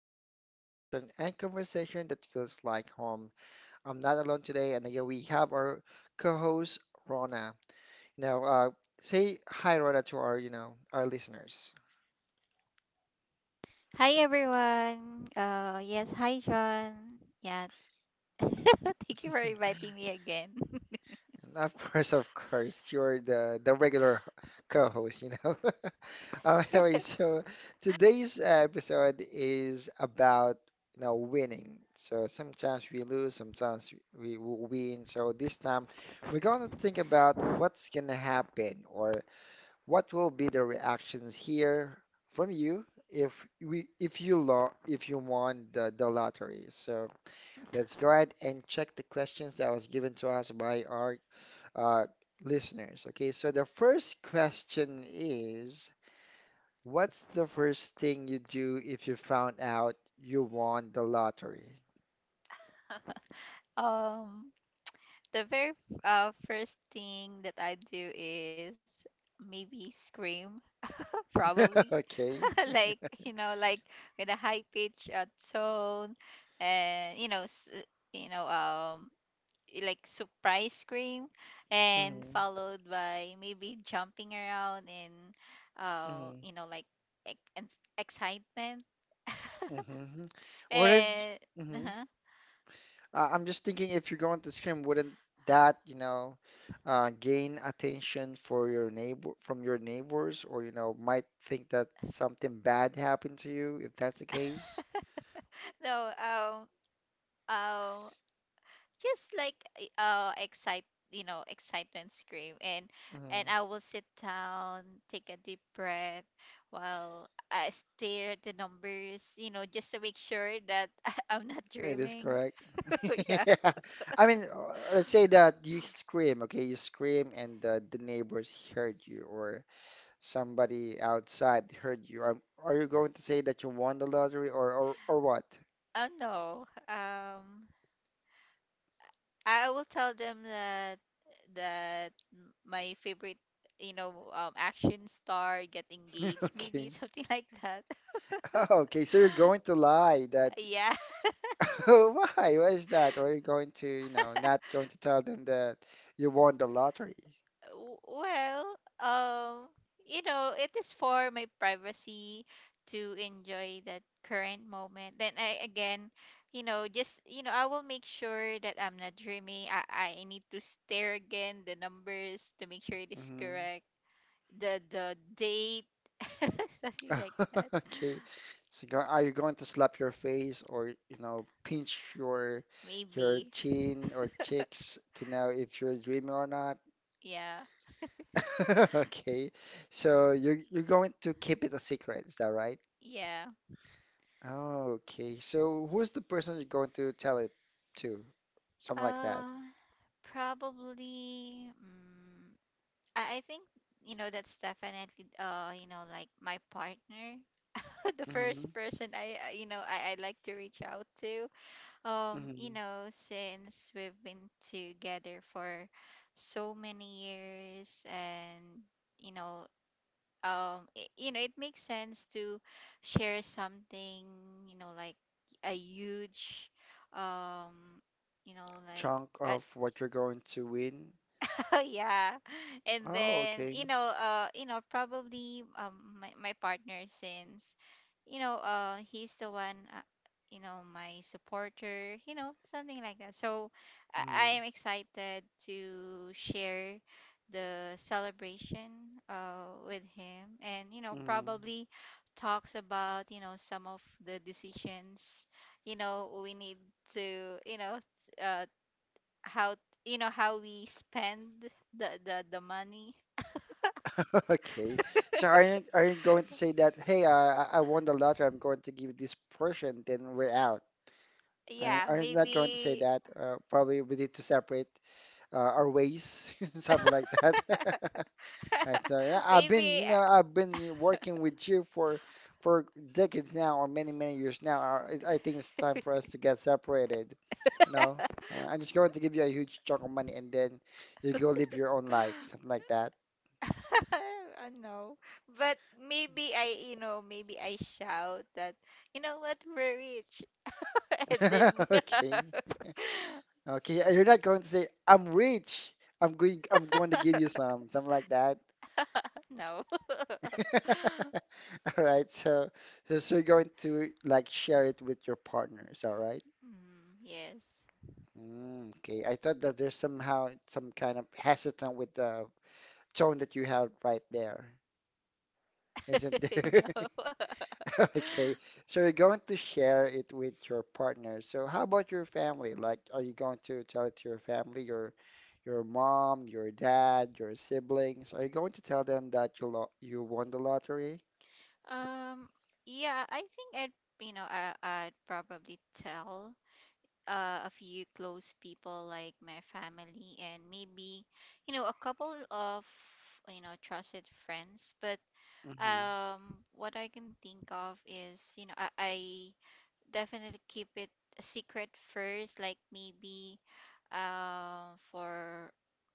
stories, reflection, and conversation that feels like home. I'm not alone today, and again, we have our co-host Rona. Now, uh, say hi, Rona, to our listeners. Hi everyone. Yes, hi John. Yeah. Thank you for inviting me again. And of course, of course. You're the regular co-host, you know. Anyway, so today's episode is about winning. So sometimes we lose, sometimes we will win. So this time we're going to think about what's going to happen or what will be the reactions here from you if we if you lo if you won the lottery. So let's go ahead and check the questions that was given to us by our uh, listeners. Okay, so the first question is, what's the first thing you do if you found out you won the lottery? um the very first thing that I do is maybe scream probably. Okay. Like, you know, like with a high pitch tone, and you know, you know like surprise scream, and Mm-hmm. followed by maybe jumping around and Mm-hmm. you know like excitement Mm-hmm. Wouldn't, and mm-hmm. uh-huh. I'm just thinking if you're going to scream, wouldn't that, you know, gain attention for your neighbor from your neighbors, or you know, might think that something bad happened to you if that's the case? No um just like eh, excite you know excitement scream, and I will sit down, take a deep breath while I stare at the numbers, you know, just to make sure that I'm not It is dreaming. correct. Yeah. Yeah. I mean, let's say that you scream, okay? You scream and the neighbors heard you or somebody outside heard you. Are you going to say that you won the lottery or what? Oh no. I will tell them that my favorite, you know, action star get engaged, maybe Okay. something like that. Okay, so you're going to lie that Yeah. why? Why is that? Or you're going to, you know, not going to tell them that you won the lottery. Well, um, you know, it is for my privacy to enjoy that current moment. Then I again, you know, just you know, I will make sure that I'm not dreaming. I need to stare again the numbers to make sure it is Hmm. correct. The date, something like that. Okay. Are you going to slap your face or, you know, pinch your Maybe. chin or cheeks to know if you're dreaming or not? Yeah. Okay. So you're going to keep it a secret, is that right? Yeah. Okay. So who's the person you're going to tell it to? Something like that. Um, probably. Mm, I think you know that's definitely you know like my partner, the Mm-hmm. first person I you know I like to reach out to. You Mm-hmm. know since we've been together for so many years, and you know you know it makes sense to share something you know like a huge um you know like Chunk a, of what you're going to win. yeah, and Oh, then okay. You know probably my partner, since you know he's the one you know my supporter, you know something like that. So I Mm-hmm. am excited to share the celebration with him, and you know Mm-hmm. probably talks about you know some of the decisions you know we need to you know uh how you know how we spend the money. Okay. So are you going to say that, hey, I won the lottery, I'm going to give this portion, then we're out. Are Yeah, are you not going to say maybe. that? Probably we need to separate our ways, something like that. Right. So yeah, I've been, Maybe. you know, I've been working with you for decades now, or many many years now. I think it's time for us to get separated. You know, So I'm just going to give you a huge chunk of money, and then you go live your own life, something like that. I know, but maybe I you know maybe I shout that you know what, we're rich, and then we Okay. Okay, and you're not going to say, I'm rich. I'm going to give you some, something like that. no. All right, so so you're going to like share it with your partners, all right? Mm, yes. Mm, okay, I thought that there's somehow some kind of hesitant with the tone that you have right there, isn't there? No. Okay, so you're going to share it with your partner. So how about your family? Like, are you going to tell it to your family, your mom, your dad, your siblings? Are you going to tell them that you won the lottery? um yeah, I think I'd you know I'd probably tell a few close people like my family, and maybe you know a couple of you know trusted friends. But Hmm. What I can think of is you know I definitely keep it a secret first, like maybe for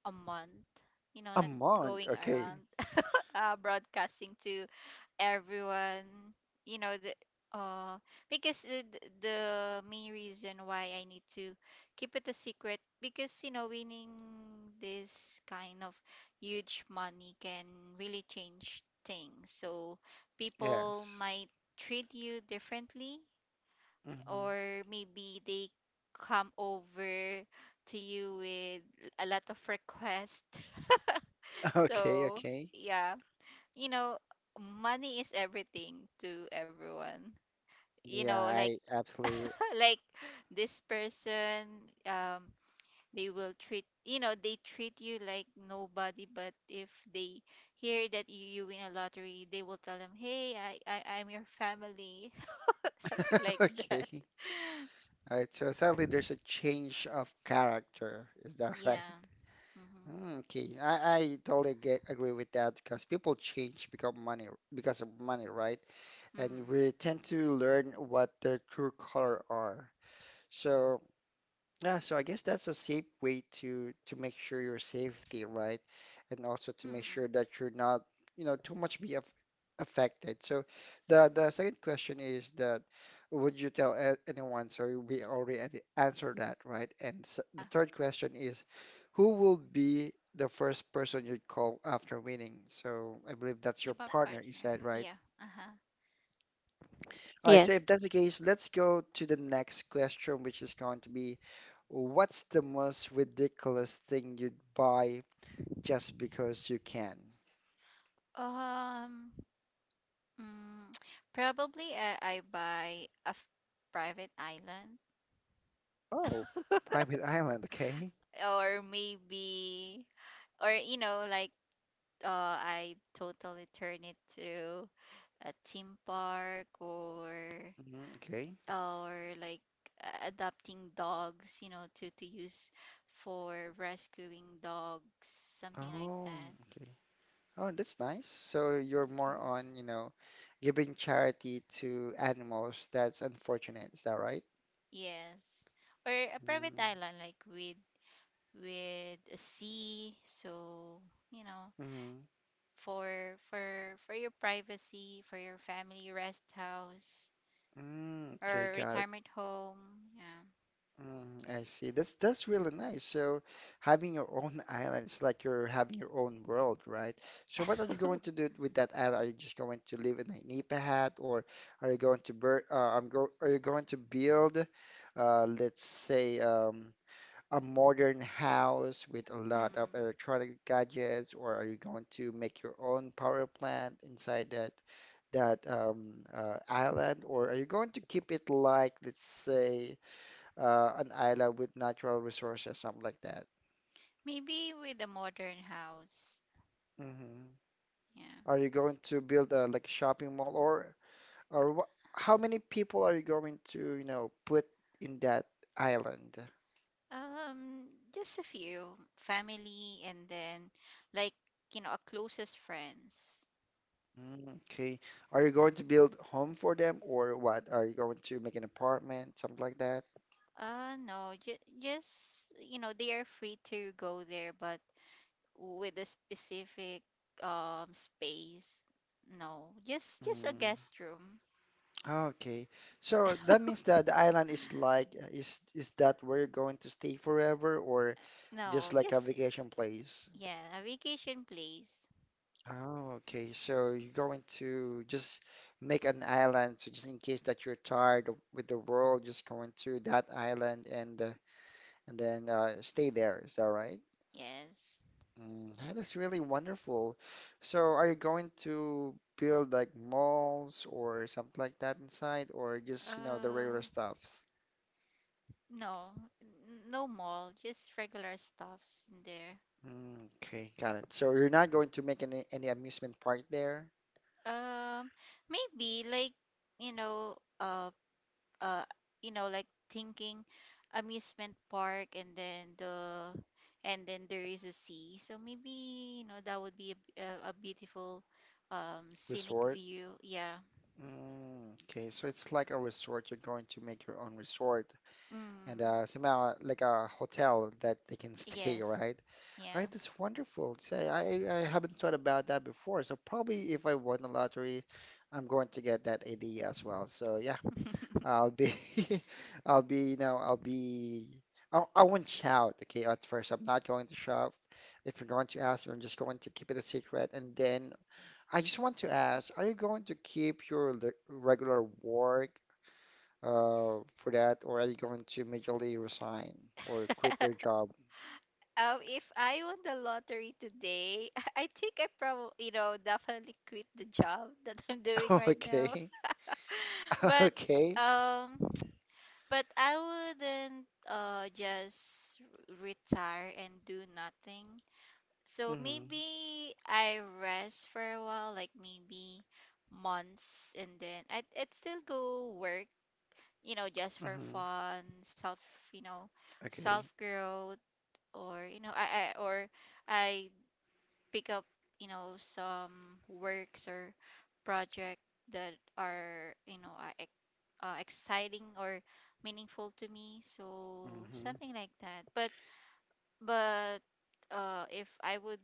a month, you know, A not month, going around okay. Broadcasting to everyone you know the uh because the main reason why I need to keep it a secret because you know winning this kind of huge money can really change things. So people Yes. might treat you differently, Hmm. or maybe they come over to you with a lot of requests. Okay, So okay. yeah, you know, money is everything to everyone. You Yeah, know, like I absolutely. like this person, um, they will treat you know they treat you like nobody. But if they hear that you win a lottery, they will tell them, "Hey, I'm your family," something like that. Okay. All right. So sadly, there's a change of character. Is that right? Yeah. Mhm. Mm, okay, I totally agree with that because people change because money because of money, right? And Mm. we tend to learn what their true color are. So yeah, so I guess that's a safe way to make sure your safety, right? And also to make Mm. sure that you're not, you know, too much be af affected. So the second question is that would you tell anyone? So we already answered that, right? And s Yeah. the third question is who will be the first person you'd call after winning? So I believe that's The your partner, you partner. said, right? Yeah. Uh huh. All right, so Yes. if that's the case, let's go to the next question, which is going to be what's the most ridiculous thing you'd buy just because you can? Um. Mm, probably I buy a private island, Oh, private island, okay. or maybe or you know like I totally turn it to a theme park, Hmm, okay. or like adopting dogs, you know, to use for rescuing dogs, something like Oh, that. okay. Oh, that's nice. So Mm, you're more on, you know, giving charity to animals. That's unfortunate. Is that right? yes. Or a private Mm-hmm. island, like with a sea, so you know Mm, for for your privacy, for your family rest house mhm. Mm, okay, or got it. retirement home. Yeah. Mm, I see. That's really nice. So having your own island, it's like you're having your own world, right? So what are you going to do with that island? Are you just going to live in a nipa hat, or are you going to build, let's say, a modern house with a lot of Mm. electronic gadgets, or are you going to make your own power plant inside that island, or are you going to keep it like, let's say? An island with natural resources, something like that. Maybe with a modern house. Hmm. Yeah. Are you going to build a like shopping mall or wha how many people are you going to, you know, put in that island? Um, just a few family, and then like, you know, our closest friends. Mm, okay. Are you going to build home for them or what? Are you going to make an apartment, something like that? No, ju just, you know, they are free to go there, but with a specific space. No, just a Mm, guest room. okay. So that means that the island is is that where you're going to stay forever or just No, like a just vacation place? yeah, a vacation place. Oh, okay. So you're going to just make an island, so just in case that you're tired with the world, just going to that island and then stay there. Is that right? Yes. Mm, that is really wonderful. So are you going to build like malls or something like that inside, or just you know the Uh, regular stuffs? no, no mall, just regular stuffs in there. Mm, okay, got it. So you're not going to make any amusement park there, Um, maybe like you know, uh, uh, you know, like thinking amusement park, and then the and then there is a sea. So maybe you know that would be a beautiful, scenic resort? view. Yeah. Mm, okay, so it's like a resort. You're going to make your own resort, and Mm, somehow like a hotel that they can stay, yes. right? Right, Yeah. that's wonderful. Say, I haven't thought about that before. So probably if I won the lottery, I'm going to get that idea as well. So yeah, I'll be, I'll be, you know, I'll be. I won't shout, okay, at first. I'm not going to shout. If you're going to ask me, I'm just going to keep it a secret. And then I just want to ask, are you going to keep your regular work for that, or are you going to immediately resign or quit their job? If I won the lottery today, I think I probably, you know, definitely quit the job that I'm doing right now. Okay, But okay, um, but I wouldn't just retire and do nothing. So hmm maybe I rest for a while, like maybe months, and then I'd still go work, you know, just for hmm fun, self, you know, self okay, growth, or you know, I pick up, you know, some works or project that are, you know, are exciting or meaningful to me. So hmm something like that. But if I would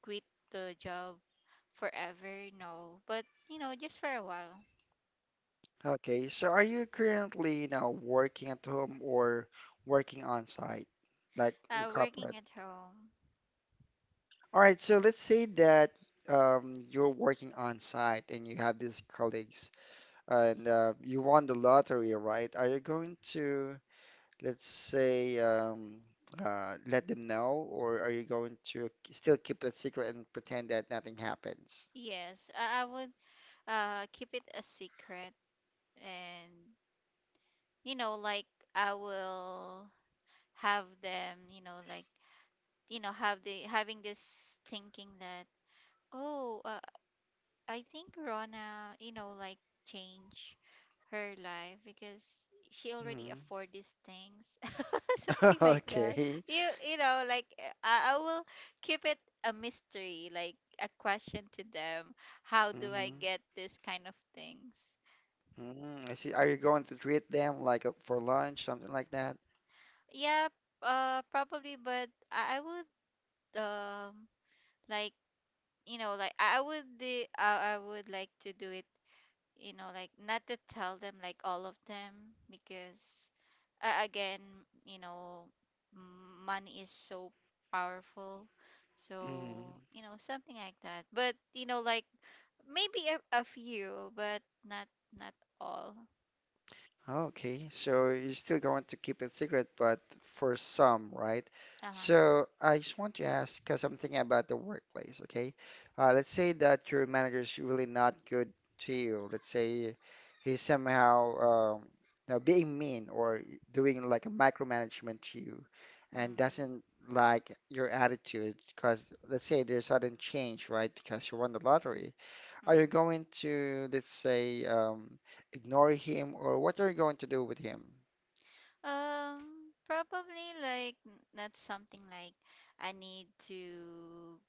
quit the job forever, no. But you know, just for a while. okay. So, are you currently, you know, working at home or working on site, like in corporate? Working at home. All right, so let's say that you're working on site and you have these colleagues, and you won the lottery, right? Are you going to? Let's say let them know, or are you going to still keep it secret and pretend that nothing happens? Yes, I would keep it a secret, and you know like I will have them you know like you know have the having this thinking that oh I think Rona, you know like change her life because she already Hmm. afford these things, something like that. Okay. you you know like I will keep it a mystery, like a question to them, how do I Hmm. get this kind of things. Hmm, I see. Are you going to treat them like for lunch, something like that? Yeah, probably but I would um like you know like I would like to do it you know, like not to tell them like all of them because again, you know, money is so powerful. So, Hmm. you know, something like that. But, you know, like maybe a few, but not all. Okay, so you're still going to keep it secret, but for some, right? Uh-huh. So I just want to ask, because I'm thinking about the workplace, okay? Let's say that your manager is really not good to you. Let's say he's somehow um, now being mean or doing like a micromanagement to you and Mm, doesn't like your attitude because let's say there's sudden change, right? Because you won the lottery. Are you mm. going to, let's say, ignore him, or what are you going to do with him? Um, probably like not something like I need to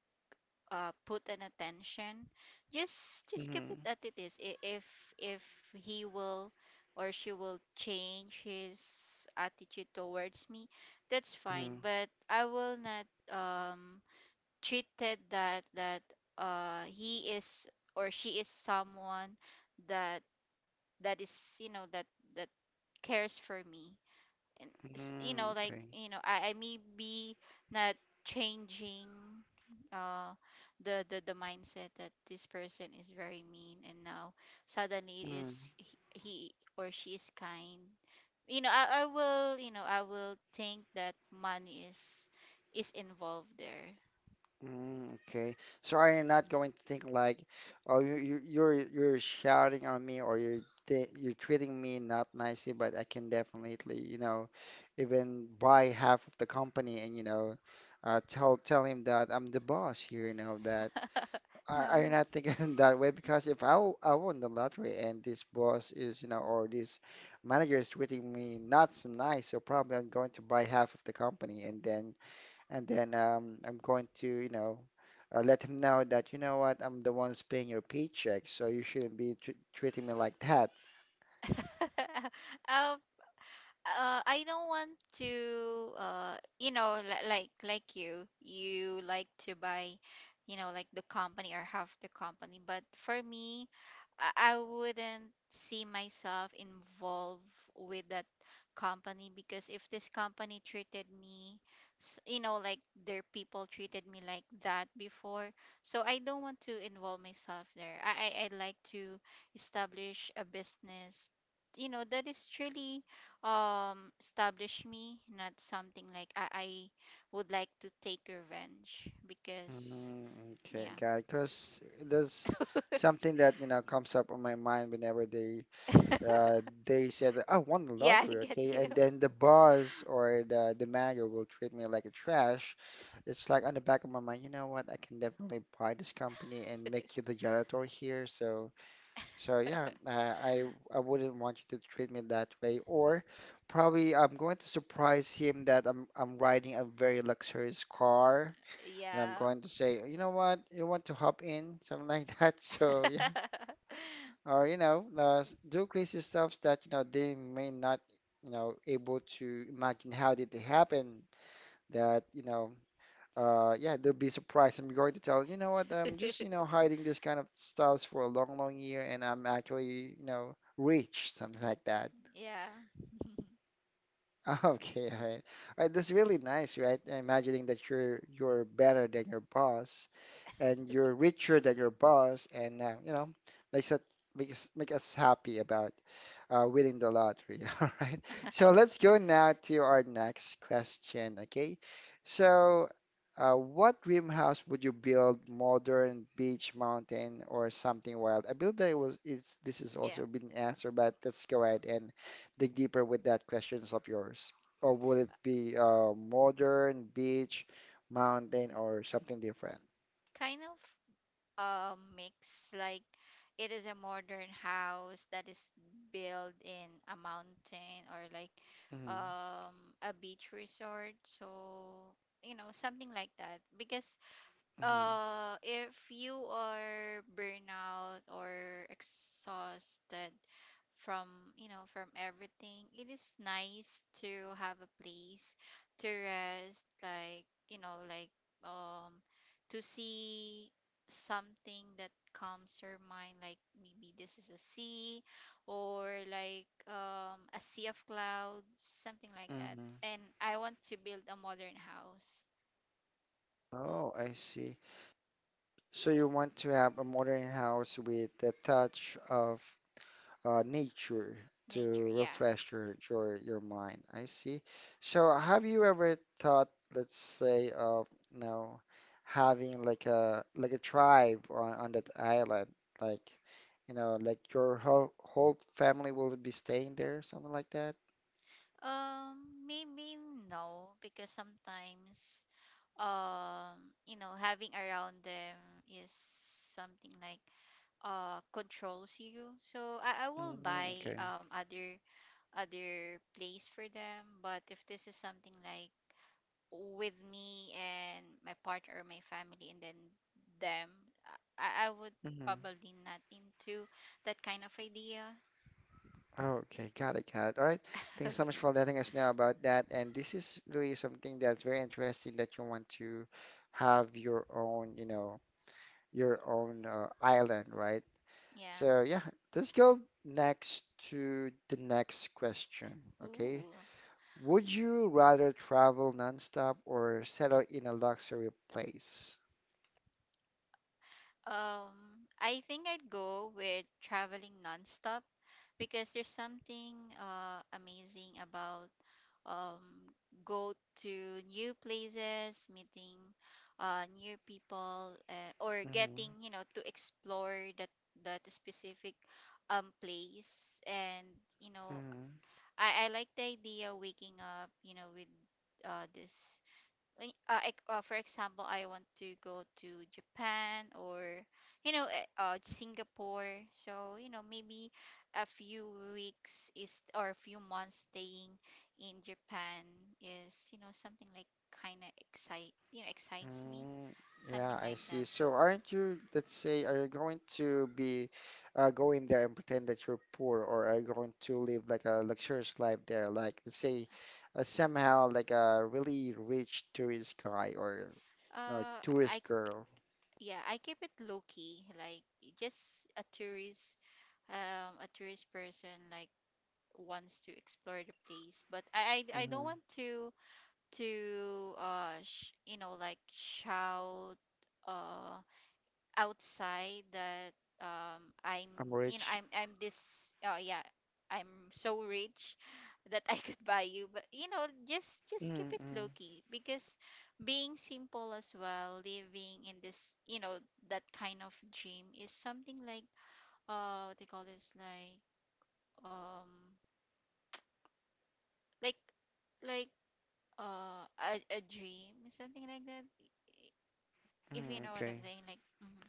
put an attention, just keep it Mm-hmm. as it is. If he will or she will change his attitude towards me, that's fine. Mm-hmm. But I will not treated that he is or she is someone that is you know that that cares for me, and you Mm-hmm. know like Okay. you know I may be not changing uh the mindset that this person is very mean and now suddenly it Mm, is he or she is kind, you know I will think that money is involved there. mm, okay. So are you not going to think like, oh, you're shouting on me, or you're treating me not nicely, but I can definitely, you know, even buy half of the company and you know, tell him that I'm the boss here, you know that. Are you No. not thinking that way? Because if I won the lottery and this boss is, you know, or this manager is treating me not so nice, so probably I'm going to buy half of the company and then I'm going to, you know, let him know that, you know what, I'm the one's paying your paycheck, so you shouldn't be tr treating me like that. Um, I don't want to, you know, like you like to buy, you know, like the company or half the company. But for me, I wouldn't see myself involved with that company, because if this company treated me, you know, like their people treated me like that before, so I don't want to involve myself there. I like to establish a business you know that is truly established me, not something like I would like to take revenge because Mm, okay, yeah. got it. Because there's something that, you know, comes up on my mind whenever Uh, they said, "I won the Yeah, I lottery, get okay?" you. And then the boss or the manager will treat me like a trash. It's like on the back of my mind, you know what? I can definitely buy this company and make you the janitor here. So yeah, I I wouldn't want you to treat me that way. Or probably I'm going to surprise him that I'm riding a very luxurious car, and I'm Yeah. going to say, you know what? You want to hop in? Something like that. So yeah, or do crazy stuff that they may not able to imagine how did it happen, that you know yeah, they'll be surprised. I'm going to tell, you know what, I'm just hiding this kind of stuffs for a long long year, and I'm actually rich, something like that. Yeah. Okay, all right, all right, that's really nice, right? Imagining that you're better than your boss and you're richer than your boss, and makes it make us happy about winning the lottery. All right. So let's go now to our next question. Okay. So, what dream house would you build? Modern, beach, mountain, or something wild? I believe that it was it's this is Yeah, also been answered, but let's go ahead and dig deeper with that questions of yours. Or would it be modern, beach, mountain, or something different? kind of a mix. Like it is a modern house that is built in a mountain, or like Mm-hmm. A beach resort. So, you know, something like that. Because Mhm, if you are burnout or exhausted from, you know, from everything, it is nice to have a place to rest, like, you know, like, um, to see something that calms your mind, like maybe this is a sea, or like a sea of clouds, something like that. mhm. And I want to build a modern house. Oh, I see. So you want to have a modern house with a touch of nature to Nature, yeah. refresh your mind. I see. So have you ever thought, let's say, of you know, having like a tribe on that island, like, like your whole family will be staying there, something like that? Um, maybe no, because sometimes, you know, having around them is something like controls you. So I will Mm, buy okay. Other place for them. But if this is something like with me and my partner or my family and then them, I would probably not into that kind of idea. Okay, got it, got it. All right. Thanks so much for letting us know about that. And this is really something that's very interesting that you want to have your own island, right? Yeah. So yeah, let's go next to the next question. Okay. Ooh. Would you rather travel nonstop or settle in a luxury place? Um, I think I'd go with traveling nonstop because there's something amazing about um, go to new places, meeting new people, or Mm-hmm. getting you know to explore that specific place. And you know, Mm-hmm. I like the idea of waking up, you know, with uh, this for example, I want to go to Japan, or you know Singapore. So you know maybe a few weeks is, or a few months staying in Japan is you know something like excites me, Mm, yeah, something I like see. that. So So aren't you, let's say, are you going to be going there and pretend that you're poor, or are you going to live like a luxurious life there? Like, let's say, somehow like a really rich tourist guy or no uh I tourist girl. yeah, I keep it low key, like just a tourist, a tourist person, like, wants to explore the place. But I don't hmm want to like shout uh outside that, I'm, I'm rich. I'm this, yeah, I'm so rich that I could buy you. But just keep it Mm-hmm. Mm, low key, because being simple as well, living in this, that kind of dream is something like, what they call this, like, um like like uh a dream, something like that, if you mm, know what I'm okay. saying, like. Mhm.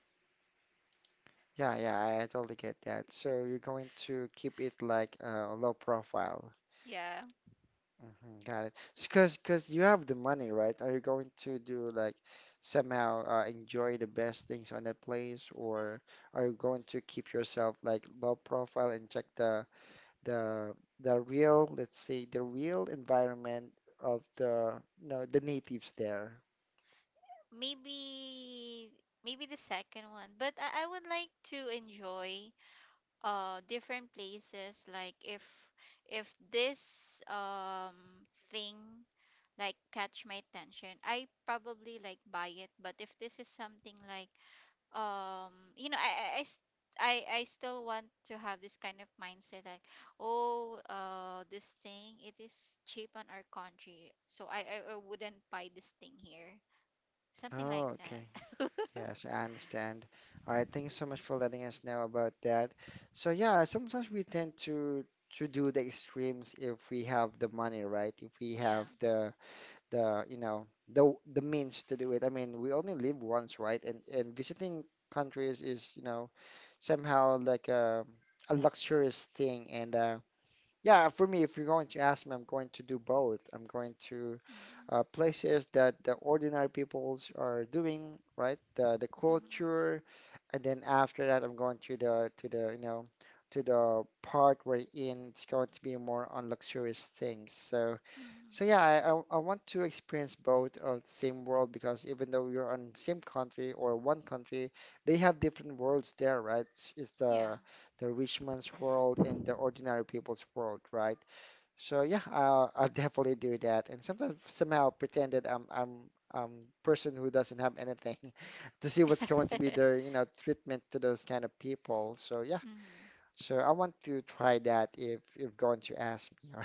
Yeah, yeah, I totally get that. So you're going to keep it like low profile. Yeah, Mhm, got it. Because you have the money, right? Are you going to do like somehow enjoy the best things on that place, or are you going to keep yourself like low profile and check the the real, let's say, the real environment of the you know the natives there? maybe the second one. But I would like to enjoy different places. Like, if this thing, like, catch my attention, I probably like buy it. But if this is something like, um you know I I, I s- I still want to have this kind of mindset, like, oh, this thing, it is cheap on our country, so I wouldn't buy this thing here, something like Oh, okay. that. Yes, I understand. All right, thank you so much for letting us know about that. So yeah, sometimes we tend to do the extremes if we have the money, right? If we Yeah. have the you know the means to do it. I mean, we only live once, right? And visiting countries is somehow like a luxurious thing, and yeah, for me, if you're going to ask me, I'm going to do both. I'm going to Mm-hmm. Places that the ordinary peoples are doing, right? The Mm-hmm. culture, and then after that, I'm going to the you know to the part where in it's going to be more on luxurious things. So, Mm-hmm. so yeah, I want to experience both of the same world, because even though you're on same country or one country, they have different worlds there, right? It's Yeah. the rich man's world and the ordinary people's world, right? So yeah, I'll definitely do that, and sometimes somehow pretend that I'm um person who doesn't have anything to see what's going to be their treatment to those kind of people. So yeah, Mm-hmm. so I want to try that if going to ask me, all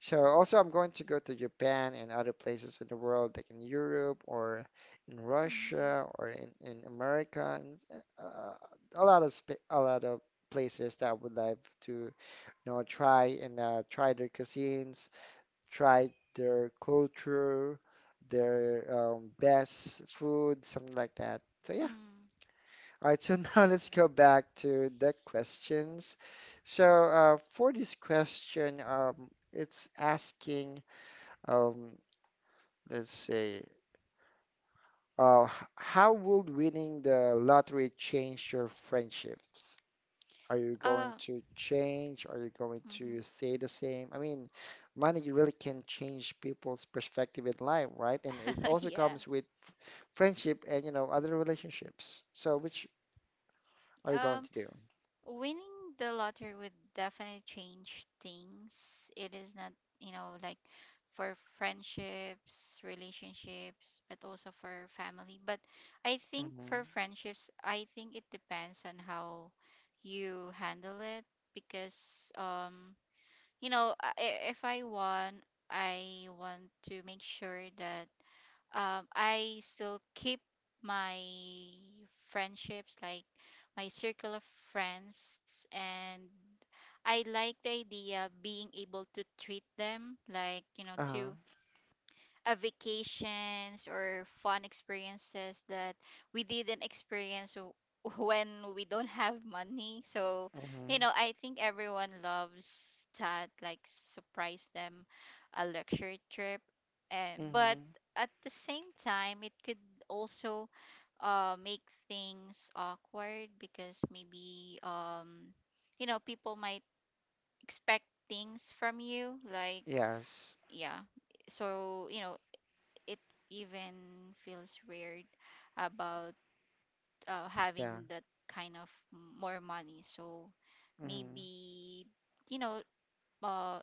so also I'm going to go to Japan and other places in the world, like in Europe or in Mm-hmm. Russia or in America and a lot of sp a lot of places that I would like to try and try their cuisines, try their culture, their best food, something like that. So yeah. Mm. All right, so now let's go back to the questions. So for this question, it's asking, um, let's see. Uh, h- how would winning the lottery change your friendships? Are you going uh to change? Are you going to mm-hmm. stay the same? I mean, money really can change people's perspective in life, right? And it also Yeah. comes with friendship and other relationships. So which are you going um to do? Winning the lottery would definitely change things. It is not, like, for friendships, relationships, but also for family. But I think Mm-hmm. for friendships, I think it depends on how you handle it, because, if I won, I want to make sure that, I still keep my friendships, like my circle of friends, and I like the idea of being able to treat them, like, Uh-huh. to vacations or fun experiences that we didn't experience when we don't have money. So, Mm-hmm. I think everyone loves that, like surprise them a luxury trip. And but Mm-hmm. at the same time, it could also make things awkward, because maybe people might expect things from you, like, Yes. yeah. So it even feels weird about having Yeah. that kind of more money. So Mm-hmm. maybe, you know, uh,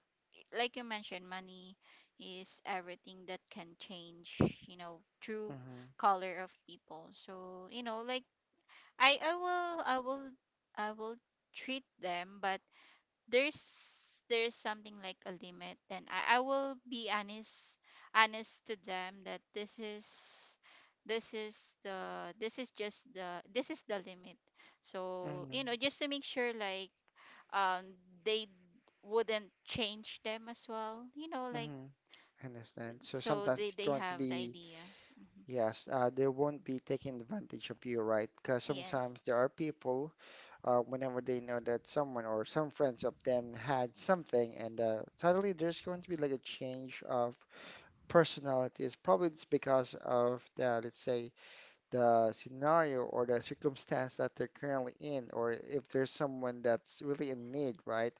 like you mentioned, money is everything that can change, true Mm-hmm. color of people. So, like, I, I will, I will, I will treat them, but there's something like a limit, and I will be honest, to them that this is the limit, so Mm-hmm. Just to make sure, like, um they wouldn't change them as well, Mm-hmm. I understand. So so sometimes they it's they going to have the be. idea. Hmm. Yes, they won't be taking advantage of you, right? Because Yes. sometimes there are people, whenever they know that someone or some friends of them had something, and suddenly there's going to be like a change of personalities. Probably it's because of the, let's say, the scenario or the circumstance that they're currently in, or if there's someone that's really in need, right?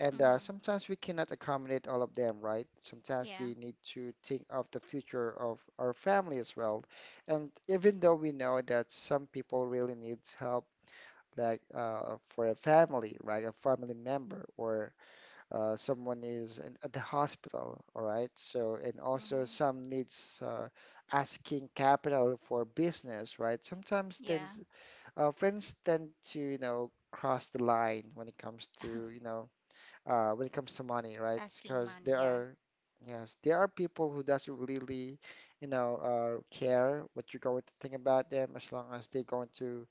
And Mm-hmm. sometimes we cannot accommodate all of them, right? Sometimes Yeah. we need to think of the future of our family as well. And even though we know that some people really needs help, like for a family, right? A family member or someone is in, at the hospital, all right? So, and also Mm-hmm. some needs asking capital for business, right? Sometimes Yeah. Friends tend to, you know, cross the line when it comes to money, right? Asking Because money, yeah. Yes, there are people who doesn't really, care what you're going to think about them as long as they're going to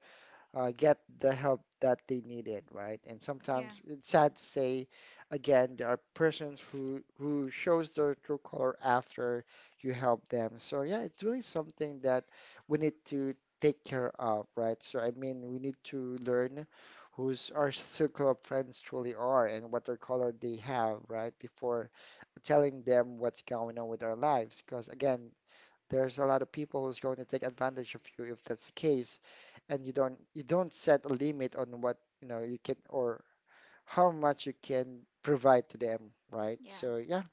get the help that they needed, right? And Yeah, sometimes it's sad to say, again, there are persons who shows their true color after you help them. So yeah, it's really something that we need to take care of, right? So I mean, we need to learn who's our circle of friends truly are and what their color they have, right? Before telling them what's going on with our lives, because again, there's a lot of people who's going to take advantage of you if that's the case, and you don't set a limit on what you know you can or how much you can provide to them, right? yeah. So yeah,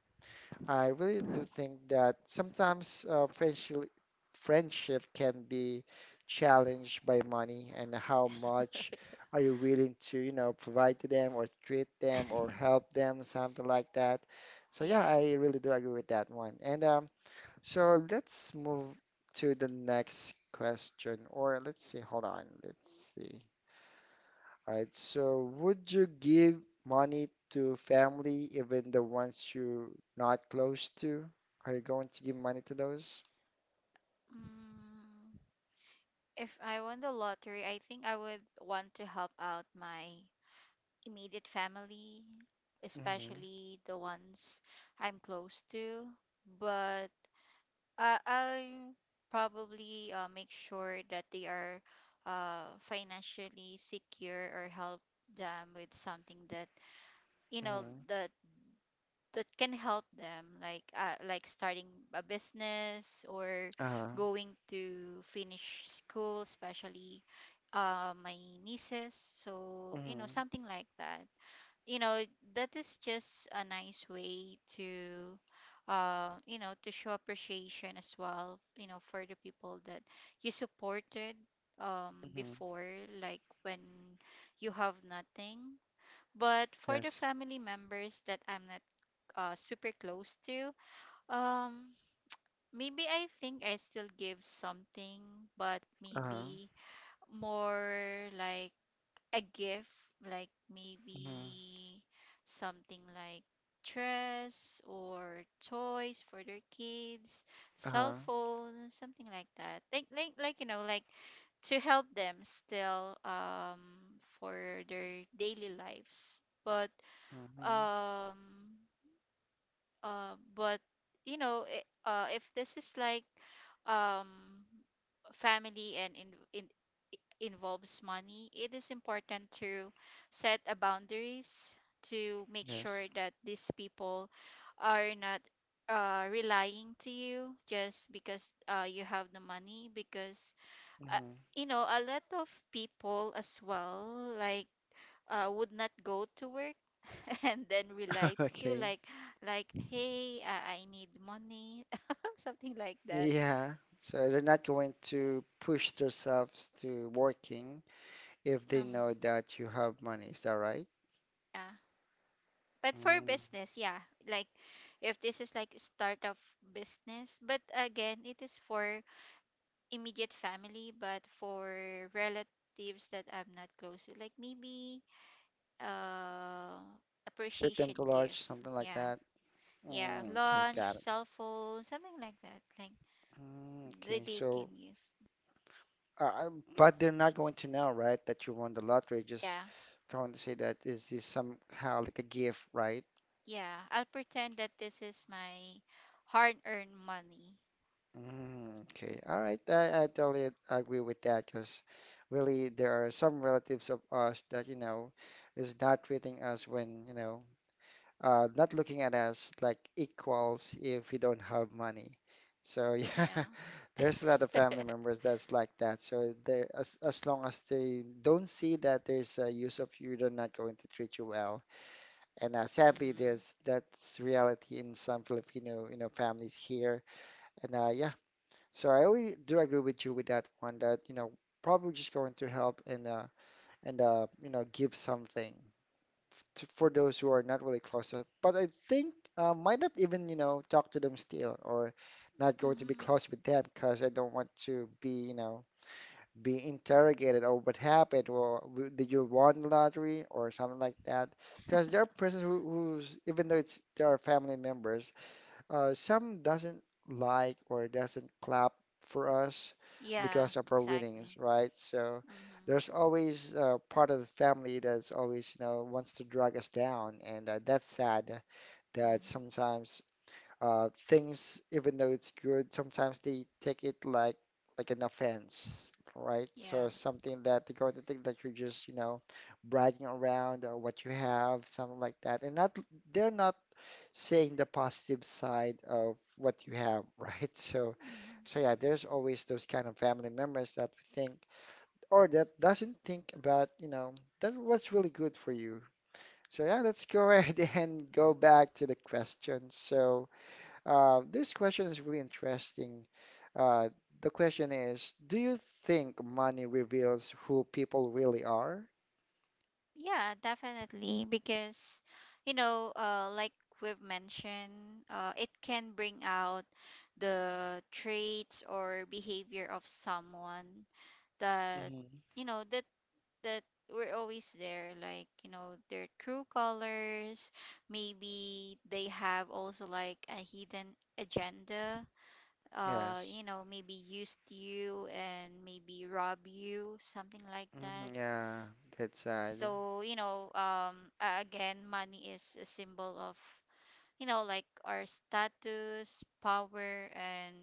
I really do think that sometimes friendship can be challenged by money and how much are you willing to provide to them or treat them or help them, something like that. So yeah, Yeah. I really do agree with that one. And so let's move to the next question, or let's see, hold on, let's see. All right, so would you give money to family, even the ones you're not close to? Are you going to give money to those? Mm. If I won the lottery, I think I would want to help out my immediate family, Mm-hmm. especially the ones I'm close to. But I'll probably make sure that they are financially secure, or help them with something that, you know, Mm-hmm. that that can help them, like, like starting a business, or Uh-huh. going to finish school, especially my nieces, so, Mm-hmm. something like that, you know that is just a nice way to, to show appreciation as well, for the people that you supported Mm-hmm. before, like when you have nothing. But for the Yes. family members that I'm not super close to. Um, maybe I think I still give something, but Uh-huh. maybe more like a gift, like Mm-hmm. maybe something like dress or toys for their kids, cell Uh-huh. phone, something like that. Like, like, to help them still for their daily lives. But Mm-hmm. um uh, but if this is like, um, family and in involves money, it is important to set a boundaries to make sure Yes. that these people are not relying to you just because you have the money. Because uh, Mm-hmm. A lot of people as well, like, would not go to work and then we to you Okay. like, hey, I need money something like that. Yeah, so they're not going to push themselves to working if they know um that you have money. Is that right? yeah, but for Mm. business, yeah, like if this is like start of business, but again it is for immediate family. But for relatives that I'm not close to, like maybe uh Treat them appreciation to lunch, gift. something like Yeah. that. Yeah, Mm, okay, lunch, got it. cell phone, something like that, like Mm, okay, that they can so, use. uh, uh, but they're not going to know, right, that you won the lottery. Just Yeah. going to say that is this somehow like a gift, right? Yeah, I'll pretend that this is my hard-earned money. Mm, okay, all right. I totally agree with that, because really there are some relatives of us that is not treating us when not looking at us like equals if we don't have money. So yeah, Yeah. there's a lot of family members that's like that. So there, as long as they don't see that there's a use of you, they're not going to treat you well. And sadly, Mhm. there's that's reality in some Filipino, you know, families here. And yeah, so I really do agree with you with that one. Probably just going to help and give something to, for those who are not really close. But I think might not even, talk to them still or not going to be Mhm. close with them because I don't want to be interrogated or what happened or did you won the lottery or something like that. Because there are persons who's even though it's they are family members, some doesn't like or doesn't clap for us Yeah, because of our exactly. winnings, right? So Mhm. there's always part of the family that's always, you know, wants to drag us down, and that's sad that Mhm. sometimes things, even though it's good, sometimes they take it like an offense, right? Yeah. So something that they're going to think that you're just, you know, bragging around or what you have, something like that, and not they're not saying the positive side of what you have, right? So, Mhm. so yeah, there's always those kind of family members that we think or that doesn't think about, you know, that what's really good for you. So yeah, let's go ahead and go back to the question. This question is really interesting. Uh, the question is, do you think money reveals who people really are? Yeah, definitely, because like we've mentioned, it can bring out the traits or behavior of someone that, Mhm. you know that that we're always there, like, their true colors. Maybe they have also, like, a hidden agenda, Yes. Maybe used you and maybe rob you, something like that. Mhm, yeah, that side. So again, money is a symbol of, like, our status, power, and,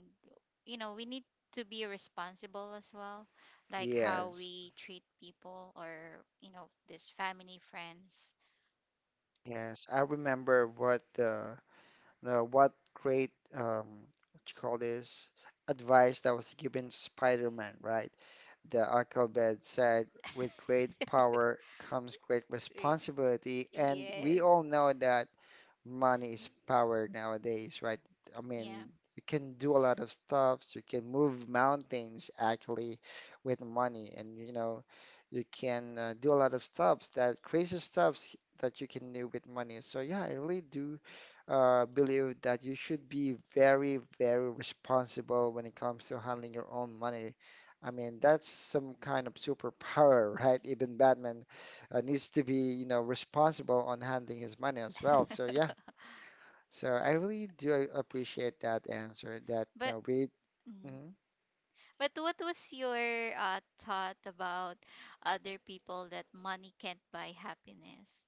we need to be responsible as well, like how Yes. we treat people, or, this, family, friends. Yes. I remember what the what great what you call this advice that was given Spider-Man, right? The Uncle Ben said, with great power comes great Sweet. responsibility, and we Yes. all know that money is power nowadays, right? I Yeah. mean, you can do a lot of stuffs. You can move mountains actually with money, and you know, you can do a lot of stuffs that crazy stuffs that you can do with money. So yeah, I really do believe that you should be very, very responsible when it comes to handling your own money. I mean, that's some kind of superpower, right? Even Batman needs to be, you know, responsible on handling his money as well. So yeah, so I really do appreciate that answer. That But no, we mm. mhm. What was your thought about other people that money can't buy happiness?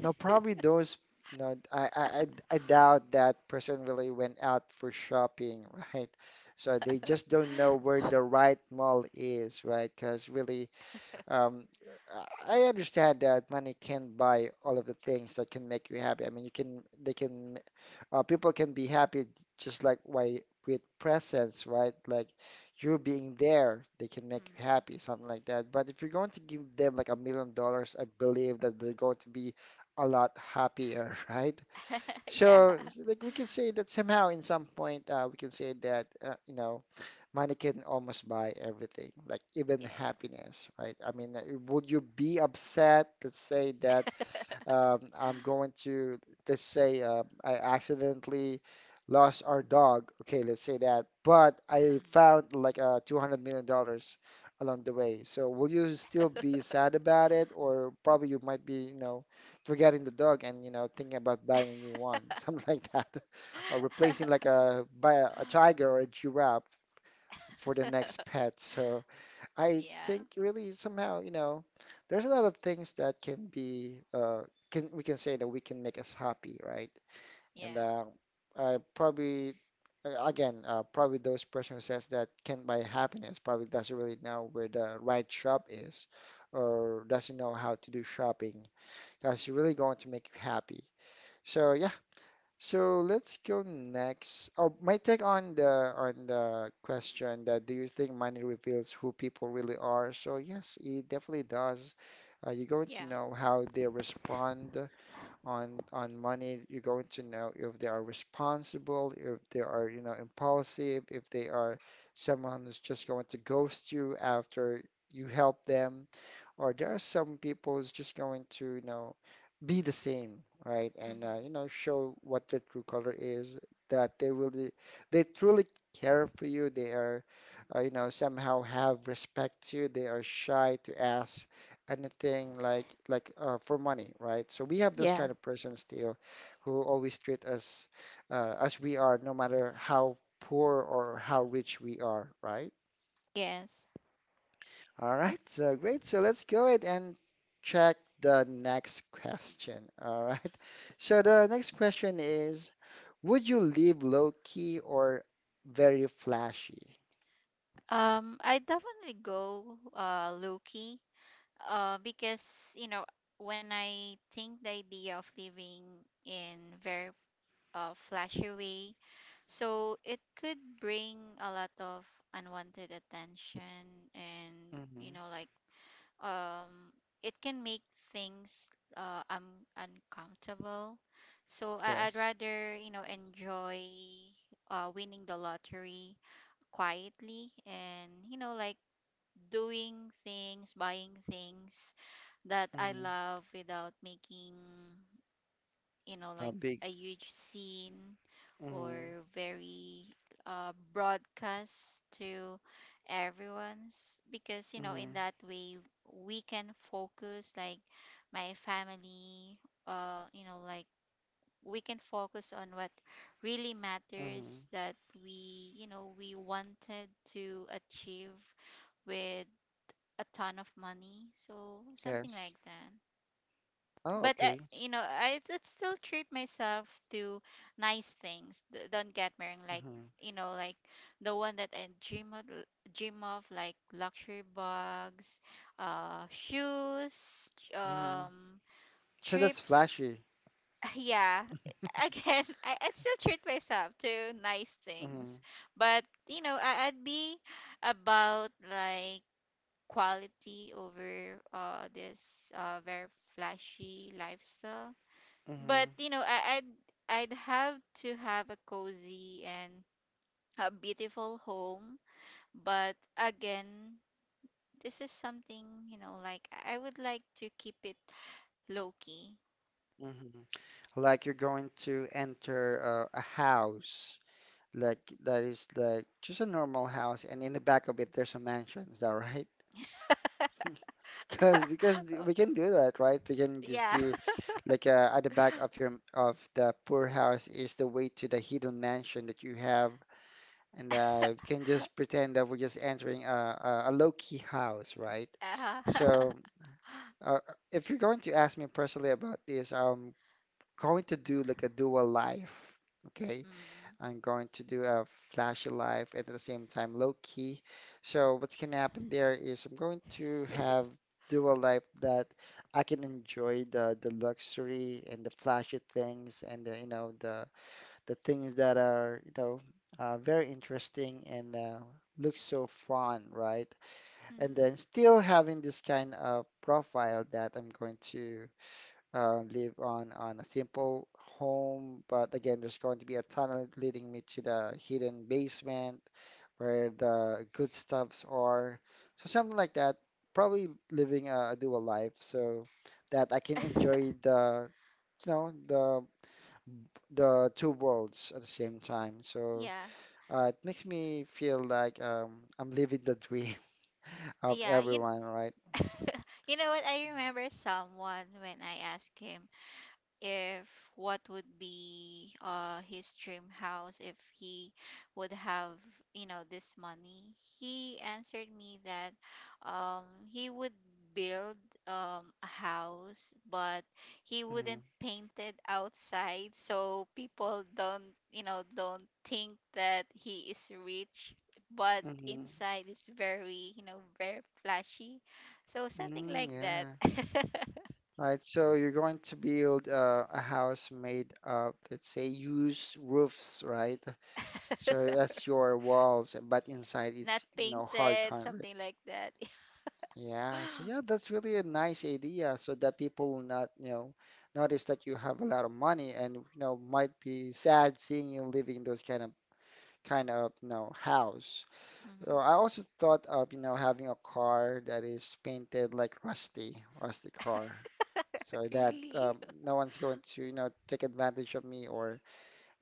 no probably those No. I doubt that person really went out for shopping, right? So they just don't know where the right mall is, right? Because really, um, I I understand that money can buy all of the things that can make you happy. I mean, you can they can people can be happy just like why with presence, right? Like you being there, they can make you Mm. happy, something like that. But if you're going to give them like $1 million, I believe that they're going to be a lot happier, right? Yeah. So like we can say that somehow in some point we can say that you know money can almost buy everything, like even Yes. happiness, right? I mean, would you be upset? Let's say that um, I'm going to, let's say, I accidentally lost our dog. Okay, let's say that. But I found like $200 million dollars along the way. So will you still be sad about it? Or probably you might be, you know, forgetting the dog and, you know, thinking about Mm. buying a new one, something like that. Or replacing like buy a tiger or a giraffe for the next pet. So I Yeah, think really somehow, you know, there's a lot of things that can be can we can say that we can make us happy, right? And yeah, I probably again probably those person who says that can buy happiness probably doesn't really know where the right shop is or doesn't know how to do shopping. That's really going to make you happy. So yeah. So let's go next. Oh, my take on the question that do you think money reveals who people really are? So yes, it definitely does. You're going to yeah. know how they respond on money. You're going to know if they are responsible, if they are, you know, impulsive, if they are someone who's just going to ghost you after you help them or there are some people who's just going to, you know, be the same, right? And Mm-hmm. you know, show what their true color is, that they really, they truly care for you. They are, you know, somehow have respect to you. They are shy to ask anything for money, right? So we have those Yeah. kind of persons still, who always treat us as we are, no matter how poor or how rich we are, right? Yes. All right, so great. So let's go ahead and check the next question. All right. So the next question is, would you live low key or very flashy? I definitely go Loki. Because when I think the idea of living in very flashy way, so it could bring a lot of unwanted attention, and you Mm-hmm. know like um it can make things uncomfortable, so I'd Yes. rather, enjoy winning the lottery quietly, and doing things, buying things that I Mm-hmm. love, without making, A like, big. a huge scene, Mm-hmm. or very broadcast to everyone's, because Mm-hmm. in that way, we can focus like my family, uh you know like we can focus on what really Mm-hmm. matters, that we, we wanted to achieve with a ton of money, so something Yes. like that. Oh, But okay. I did still treat myself to nice things. Don't get me wrong, like, Mm-hmm. Like the one that I dream of, like luxury bags, shoes, Mm-hmm. So that's trips. flashy. Yeah, again, I still treat myself to nice Mm-hmm. things, but I'd be about, like, quality over this very flashy lifestyle. Mm-hmm. But I'd have to have a cozy and a beautiful home. But again, this is something, like, I would like to keep it low key. Mm-hmm. Like you're going to enter a house like that is like just a normal house, and in the back of it there's a mansion. Is that right? Because we can do that, right? We can just Yeah. do like at the back of your of the poor house is the way to the hidden mansion that you have, and we can just pretend that we're just entering a low key house, right? uh, So if you're going to ask me personally about this, I'm going to do like a dual life. Okay, mm. I'm going to do a flashy life and at the same time low key. So what's gonna happen there is I'm going to have do a life that I can enjoy the luxury and the flashy things and the, you know the things that are you know very interesting and look so fun, right? And Mm. then still having this kind of profile that I'm going to live on a simple home, but again, there's going to be a tunnel leading me to the hidden basement where the good stuffs are. So something like that. Probably living a dual life so that I can enjoy the you know the two worlds at the same time. So Yeah. It makes me feel like I'm living the dream of Yeah, everyone, right? you know what, I remember someone when I asked him if what would be his dream house, if he would have, this money. He answered me that, um he would build a house, but he Mm-hmm. wouldn't paint it outside, so people don't, think that he is rich, but Mm-hmm. inside is very, flashy, so something Mm, like that. yeah. Right, so you're going to build a house made of, let's say, used roofs, right? So that's your walls, but inside Not it's, you know, hard painted, concrete. something like that. Yeah, so yeah, that's really a nice idea so that people will not, you know, notice that you have a lot of money and, you know, might be sad seeing you living in those kind of, you know, house. So Mhm. I also thought of, you know, having a car that is painted like rusty, rusty car, so that Really? No one's going to, you know, take advantage of me or,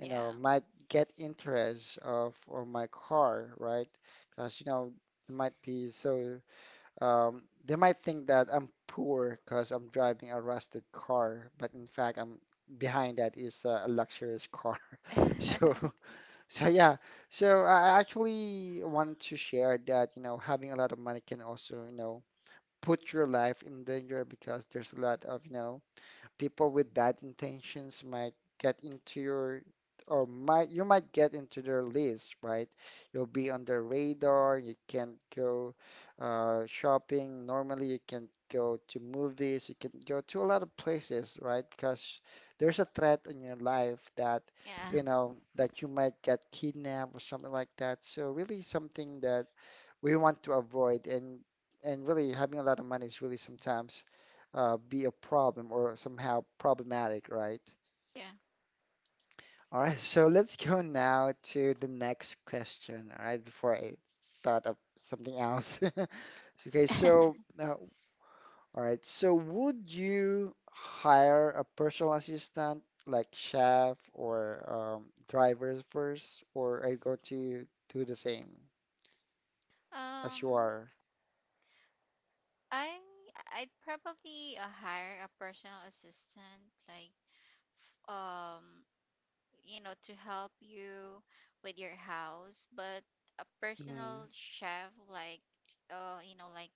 you know, might get interest of or my car, right? Because, you know, it might be so, they might think that I'm poor because I'm driving a rusted car, but in fact, I'm behind that is a luxurious car. So so yeah, so I actually want to share that, you know, having a lot of money can also, you know, put your life in danger because there's a lot of, you know, people with bad intentions might get into your or might you might get into their list, right? You'll be on their radar. You can't go shopping normally. You can't go to movies. You can go to a lot of places, right? Because there's a threat in your life that Yeah. you know that you might get kidnapped or something like that. So really something that we want to avoid and really having a lot of money is really sometimes be a problem or somehow problematic, right? Yeah. All right, so let's go now to the next question, all right, before I thought of something else. Okay, so, all right, so would you hire a personal assistant like chef or drivers first, or are you going to do the same as you um, are? I I'd probably hire a personal assistant, like, f- um to help you with your house, but a Mm, personal chef, like, like,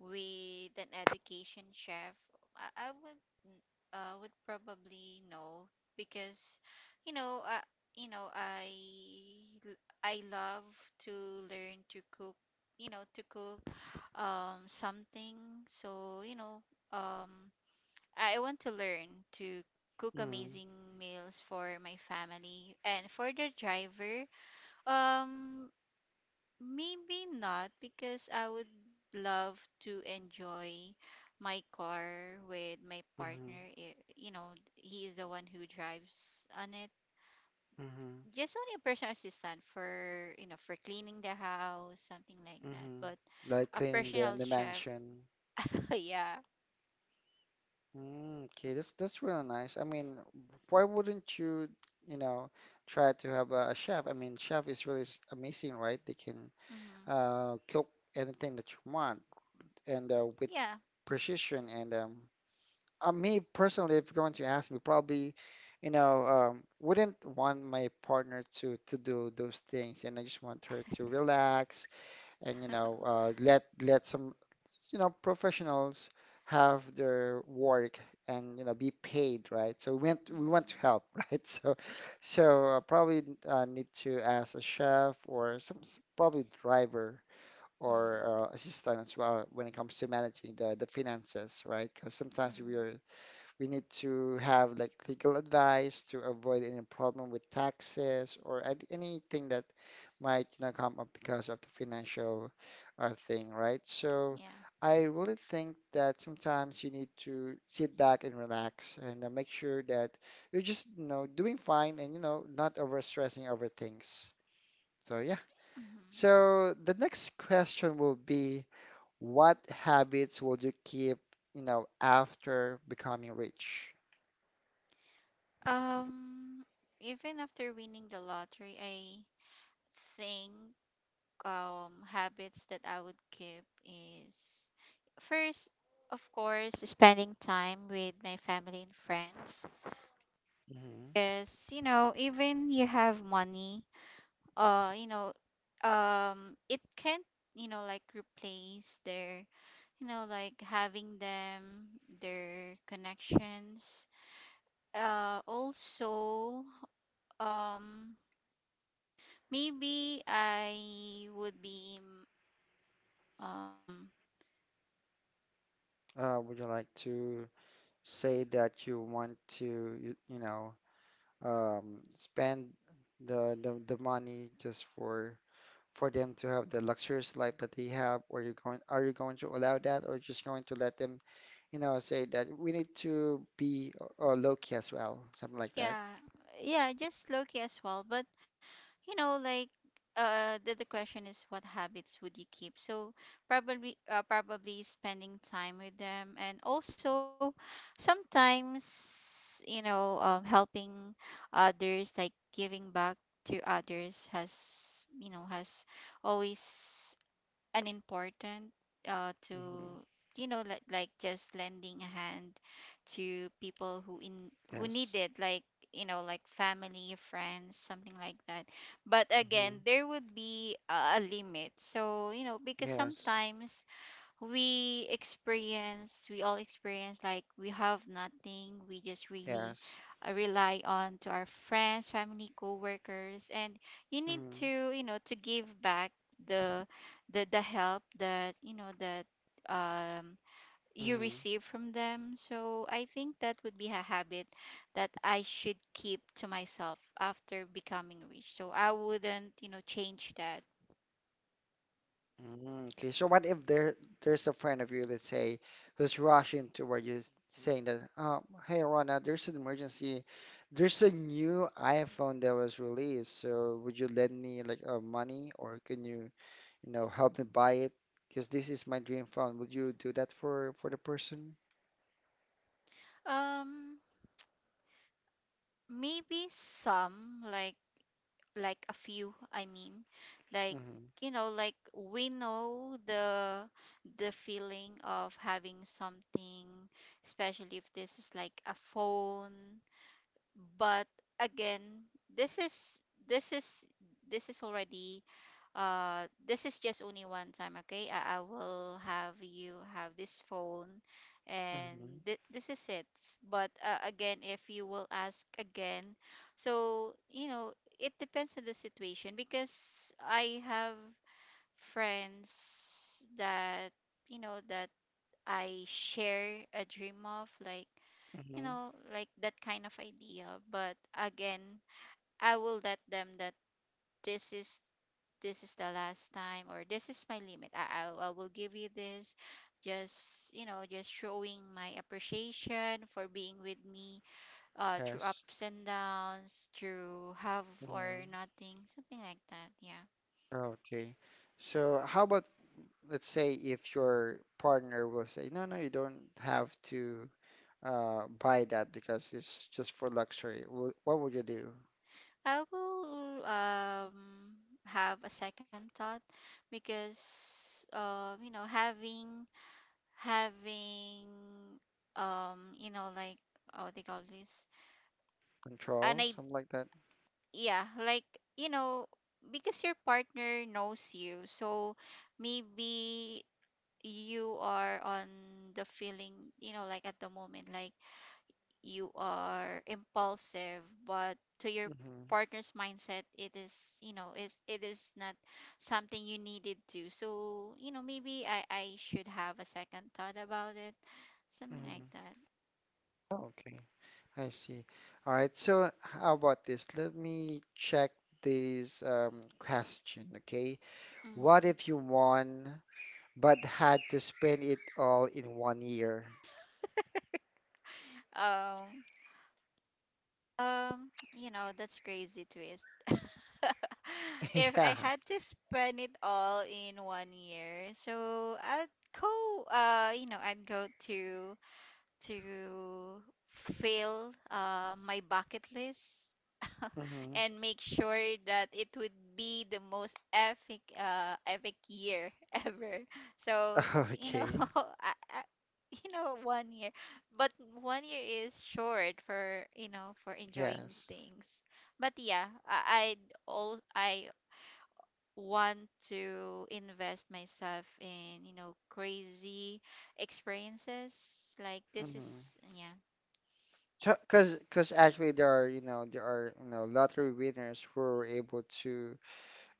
with an education chef, I would probably know, because you know uh, I I love to learn to cook, you know to cook something. So um I want to learn to cook mm, amazing meals for my family and for the driver. Um, maybe not, because I would love to enjoy my car with my mm, partner. You know, he is the one who drives on it. mm, Just only a personal assistant for, for cleaning the house, something like that. mm, But like a cleaning personal the chef, mansion? yeah. Mm, okay, that's really nice. I mean, why wouldn't you, you know, try to have a chef? I mean, chef is really amazing, right? They can Mm-hmm. Cook anything that you want and with Yeah. precision. And me personally, if you're going to ask me, probably, you know, wouldn't want my partner to do those things. And I just want her to relax, and you know let let some you know professionals have their work and you know be paid right so we want to Mm-hmm. help right so so probably need to ask a chef or some probably driver Mm-hmm. or assistant as well when it comes to managing the finances right because sometimes we are Mm-hmm. we need to have like legal advice to avoid any problem with taxes or anything that might, you know, come up because of the financial thing, right? So Yeah. I really think that sometimes you need to sit back and relax and make sure that you're just, you know, doing fine and, you know, not over stressing over things. So yeah. Mhm. So the next question will be, what habits will you keep, you know, after becoming rich? Um, even after winning the lottery, I think habits that I would keep is first, of course, spending time with my family and friends. Mhm. Because, even you have money, uh, you know, it can't, like replace their, like having them, their connections. Also, um maybe I would be. Um Would you like to say that you want to, you, you know, spend the money just for them to have the luxurious life that they have, or you going are you going to allow that, or just going to let them, you know, say that we need to be low key as well, something like that. yeah, yeah, just low key as well. But, you know, like, the question is, what habits would you keep? So probably spending time with them. And also, sometimes, you know, helping others, like giving back to others, has, you know, has always and important, hmm to, you know, like, just lending a hand to people who need Yes. it, like, you know, like family, friends, something like that. But hmm again, there would be a limit, so you know, because Yes. sometimes we all experience, like, we have nothing. We just really Yes. Rely on to our friends, family, co-workers. And you need hmm to you know to give back the the help that, you know that um you hmm receive from them. So I think that would be a habit that I should keep to myself after becoming rich, so I wouldn't, you know, change that. Mm, okay, so what if there's a friend of you, let's say, who's rushing toward you, saying that, "Hey, Rona, there's an emergency. There's a new iPhone that was released. So would you lend me like money, or can you, you know, help me buy it? Because this is my dream phone. Would you do that for the person?" um Maybe some, like, a few, I mean, like, Mm-hmm. you know, like, we know the feeling of having something, especially if this is like a phone. But again, this is this is this is already, this is just only one time, okay? I will have, you have this phone. And Mm-hmm. this is it. But again, if you will ask again, so you know, it depends on the situation because I have friends that, you know that I share a dream of, like, you Mm-hmm. know, like, that kind of idea. But again, I will let them that this is this is the last time, or this is my limit. I will give you this, just you know just showing my appreciation for being with me, through Yes. ups and downs, through have or Mm-hmm. nothing, something like that. Yeah. Okay. So how about let's say if your partner will say, no, no, you don't have to buy that because it's just for luxury, what would you do? I will, have a second thought, because, you know, having, you know, like, oh, they call this, an Control, I, something like that? yeah, like, you know, because your partner knows you. So maybe you are on the feeling, you know, like, at the moment, like, you are impulsive. But to your hmm partner's mindset, it is, you know, is it is not something you needed to. So, you know, maybe I should have a second thought about it, something like hmm that. Okay, I see. All right, so how about this? Let me check this question, okay? Mm-hmm. What if you won but had to spend it all in one year? Um, Um, you know, that's crazy twist. If I Yeah. had to spend it all in one year, so I'd go, you know, I'd go to to fill my bucket list, hmm and make sure that it would be the most epic year ever. So you know, Okay, I, I, you know, one year. But one year is short, for you know, for enjoying yes. things. But yeah, I want to invest myself in, you know, crazy experiences like this, hmm is, yeah. Because, actually there are, you know, there are, you know, lottery winners who are able to,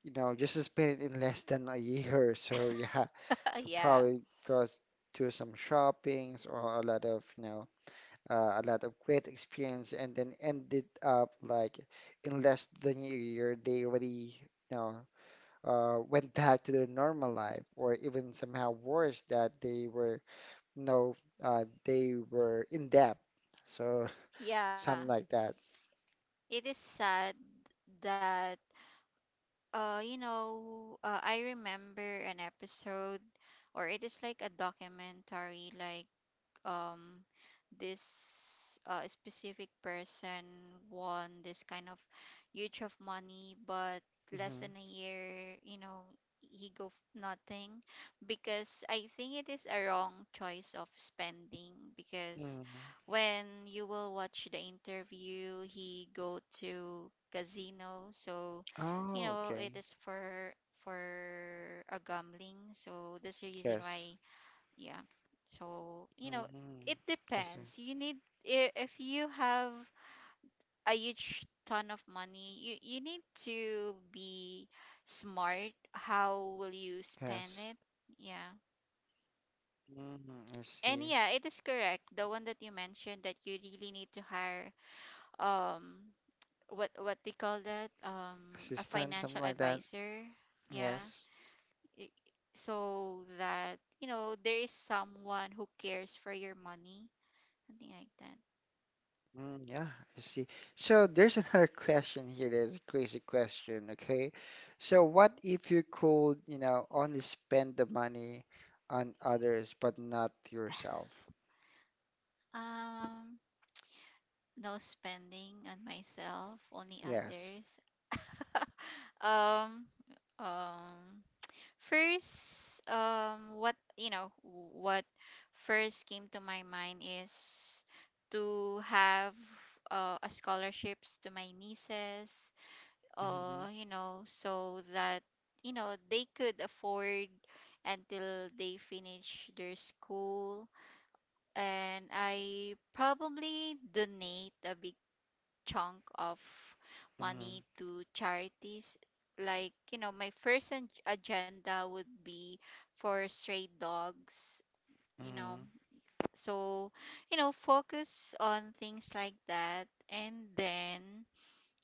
you know, just to spend it in less than a year. So yeah, Yeah, I probably goes to some shoppings or a lot of, you know, a lot of great experience, and then ended up like in less than a year, they already, you know, went back to their normal life, or even somehow worse that they were, you know, they were in debt. So yeah, something like that. it is sad that. You know, I remember an episode, or it is like a documentary, like, um this, specific person won this kind of huge of money. But less Mm-hmm. than a year, you know, he go nothing, because I think it is a wrong choice of spending. Because Mm-hmm. when you will watch the interview, he go to casino, so you Oh, know, okay. it is for a gambling, so that's the reason Yes. why. Yeah. So you know, Mm-hmm. it Yes. Depends. You need, if you have a huge ton of money, you need to be smart how will you spend Yes. it. Yeah. Mm-hmm. I And see. yeah, it is correct, the one that you mentioned, that you really need to hire, um what they call that, a Assistant, something financial like that. advisor. Yeah. Yes. i- so that you know there is someone who cares for your money, something like that. Mm, yeah, I see. So there's another question here that is a crazy question, okay? So what if you could, you know, only spend the money on others but not yourself? Um, no spending on myself, only Yes. others. Um, um, First, what you know, what first came to my mind is to have, a scholarships to my nieces, Mm-hmm. You know, so that you know they could afford until they finish their school. And I probably donate a big chunk of Mm-hmm. money to charities. Like, you know, my first agenda would be for stray dogs, you know. Mm-hmm. So, you know, focus on things like that. And then,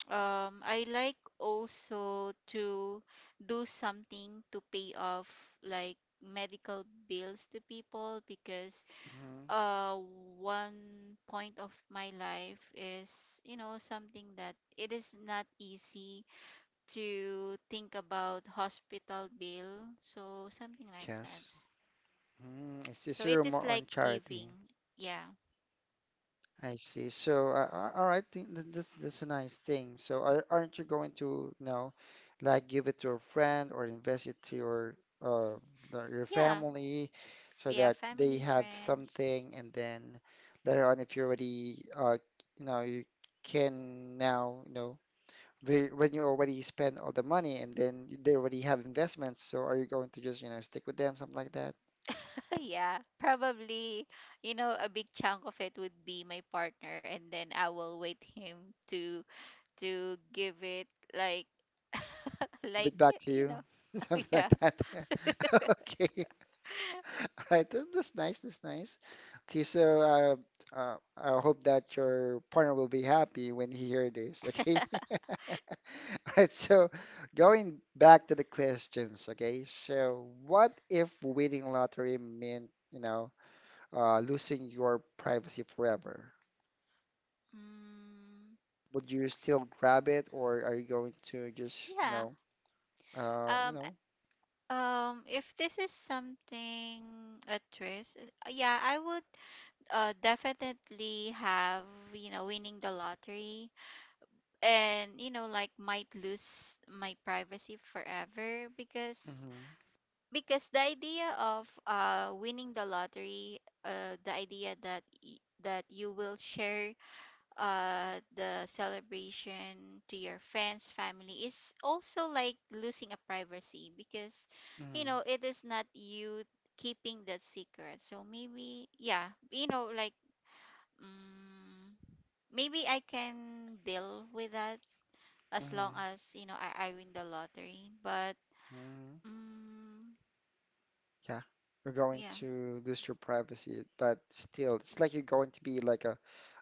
I like also to do something to pay off, like, medical bills to people, because Mm-hmm. uh one point of my life is you know something that it is not easy to think about hospital bill, so something like that. Yes. Mm, I see. So So you're it is more like on charity. giving. Yeah, I see. So, all right, think this this a nice thing. So, are, aren't you going to, you know, like give it to a friend or invest it to your uh your yeah, family so yeah, that family, they have friends. something, and then later on, if you're already you know you can now you know when you already spend all the money and then they already have investments. So, are you going to just you know stick with them, something like that? Yeah, probably, you know, a big chunk of it would be my partner. And then I will wait him, to give it, like, like, Bit back to you you, know. something like Yeah. that. Okay. All right, that's nice. That's nice. Okay, so I hope that your partner will be happy when he hear this. Okay. All right. So going back to the questions. Okay. So what if winning lottery meant, you know, losing your privacy forever? Mm, Would you still grab it, or are you going to just, you yeah. know, you Um, know? I- if this is something a twist, yeah, I would, definitely have, you know, winning the lottery. And, you know, like, might lose my privacy forever, because Mm-hmm, the idea of, winning the lottery, the idea that you will share, the celebration to your friends, family, is also like losing a privacy, because you mm-hmm, know it is not you keeping that secret. So maybe, yeah, you know, like, mm maybe I can deal with that as long mm-hmm, as you know, I win the lottery. But, mm-hmm. mm, Yeah, you're going yeah. to lose your privacy, but still, it's like you're going to be like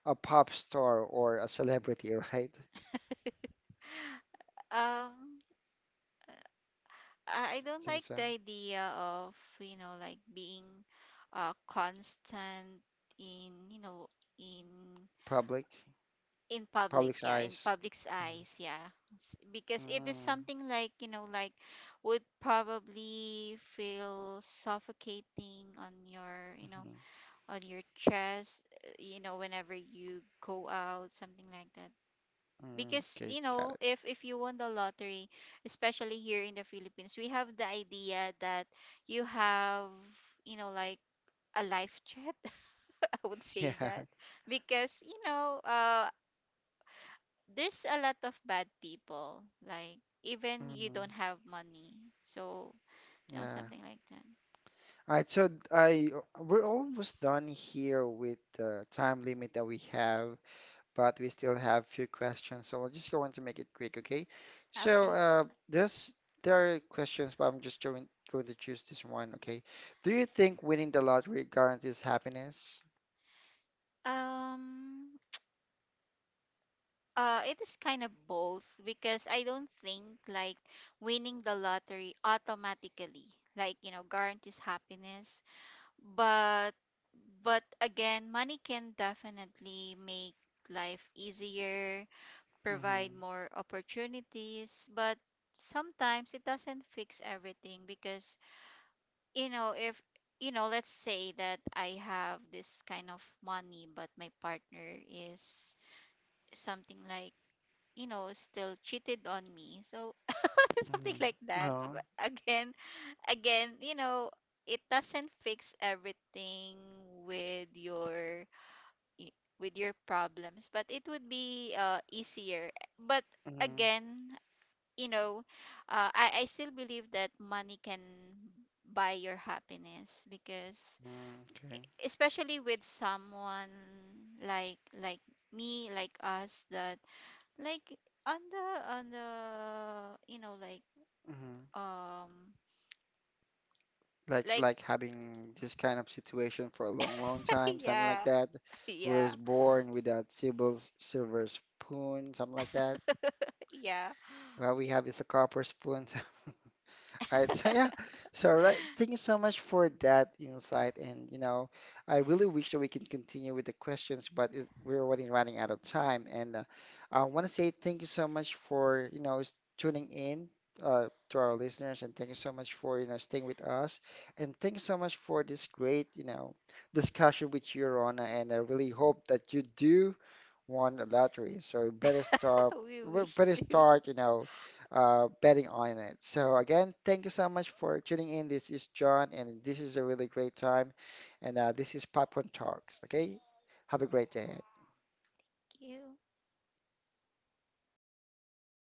a pop star or a celebrity, right? um I don't Think like the so. idea of, you know, like, being, constant in, you know, in Public, in public, public's yeah, in eyes. public's Mm, eyes, yeah. Because it is mm, something like, you know, like, would probably feel suffocating on your, you know, mhm, on your chest, you know, whenever you go out, something like that. mm, Because okay, you got know, it. If you won the lottery, especially here in the Philippines, we have the idea that you have, you know, like, a life chat. I would say Yeah. that, because you know, there's a lot of bad people, like, even you Mm, don't have money, so you know, yeah. something like that. All right, so I we're almost done here with the time limit that we have. But we still have few questions, so we're just going to make it quick, okay? So Okay. There's there are questions, but I'm just going to choose this one, okay? Do you think winning the lottery guarantees happiness? um it is kind of both, because I don't think like winning the lottery automatically, like, you know, guarantees happiness. But but again, money can definitely make life easier, Mm-hmm. provide more opportunities. But sometimes it doesn't fix everything, because, you know, if you know, let's say that I have this kind of money, but my partner is something like, you know, still cheated on me. So something like Mm-hmm. that. Oh. But again, you know, it doesn't fix everything with your with your problems. But it would be, easier. But Mm-hmm. again, you know, I still believe that money can buy your happiness, because Mm, e- okay. especially with someone, like me, like us, that, like, on the on the you know, like, Mm-hmm. um like, Like having this kind of situation for a long, long time, something like yeah, that. yeah, Was born without silver spoon, something like that. yeah, What we have is a copper spoon. Right. So yeah. So right, thank you so much for that insight. And you know, I really wish that we can continue with the questions, but it, we're already running out of time. And I want to say thank you so much for you know tuning in to our listeners, and thank you so much for you know staying with us, and thank you so much for this great you know discussion with you, Rona. And I really hope that you do won the lottery. So we we wish better to. start, you know, betting on it. So again, thank you so much for tuning in. This is John, and this is a really great time. And this is Popcorn Talks. Okay, have a great day. Thank you.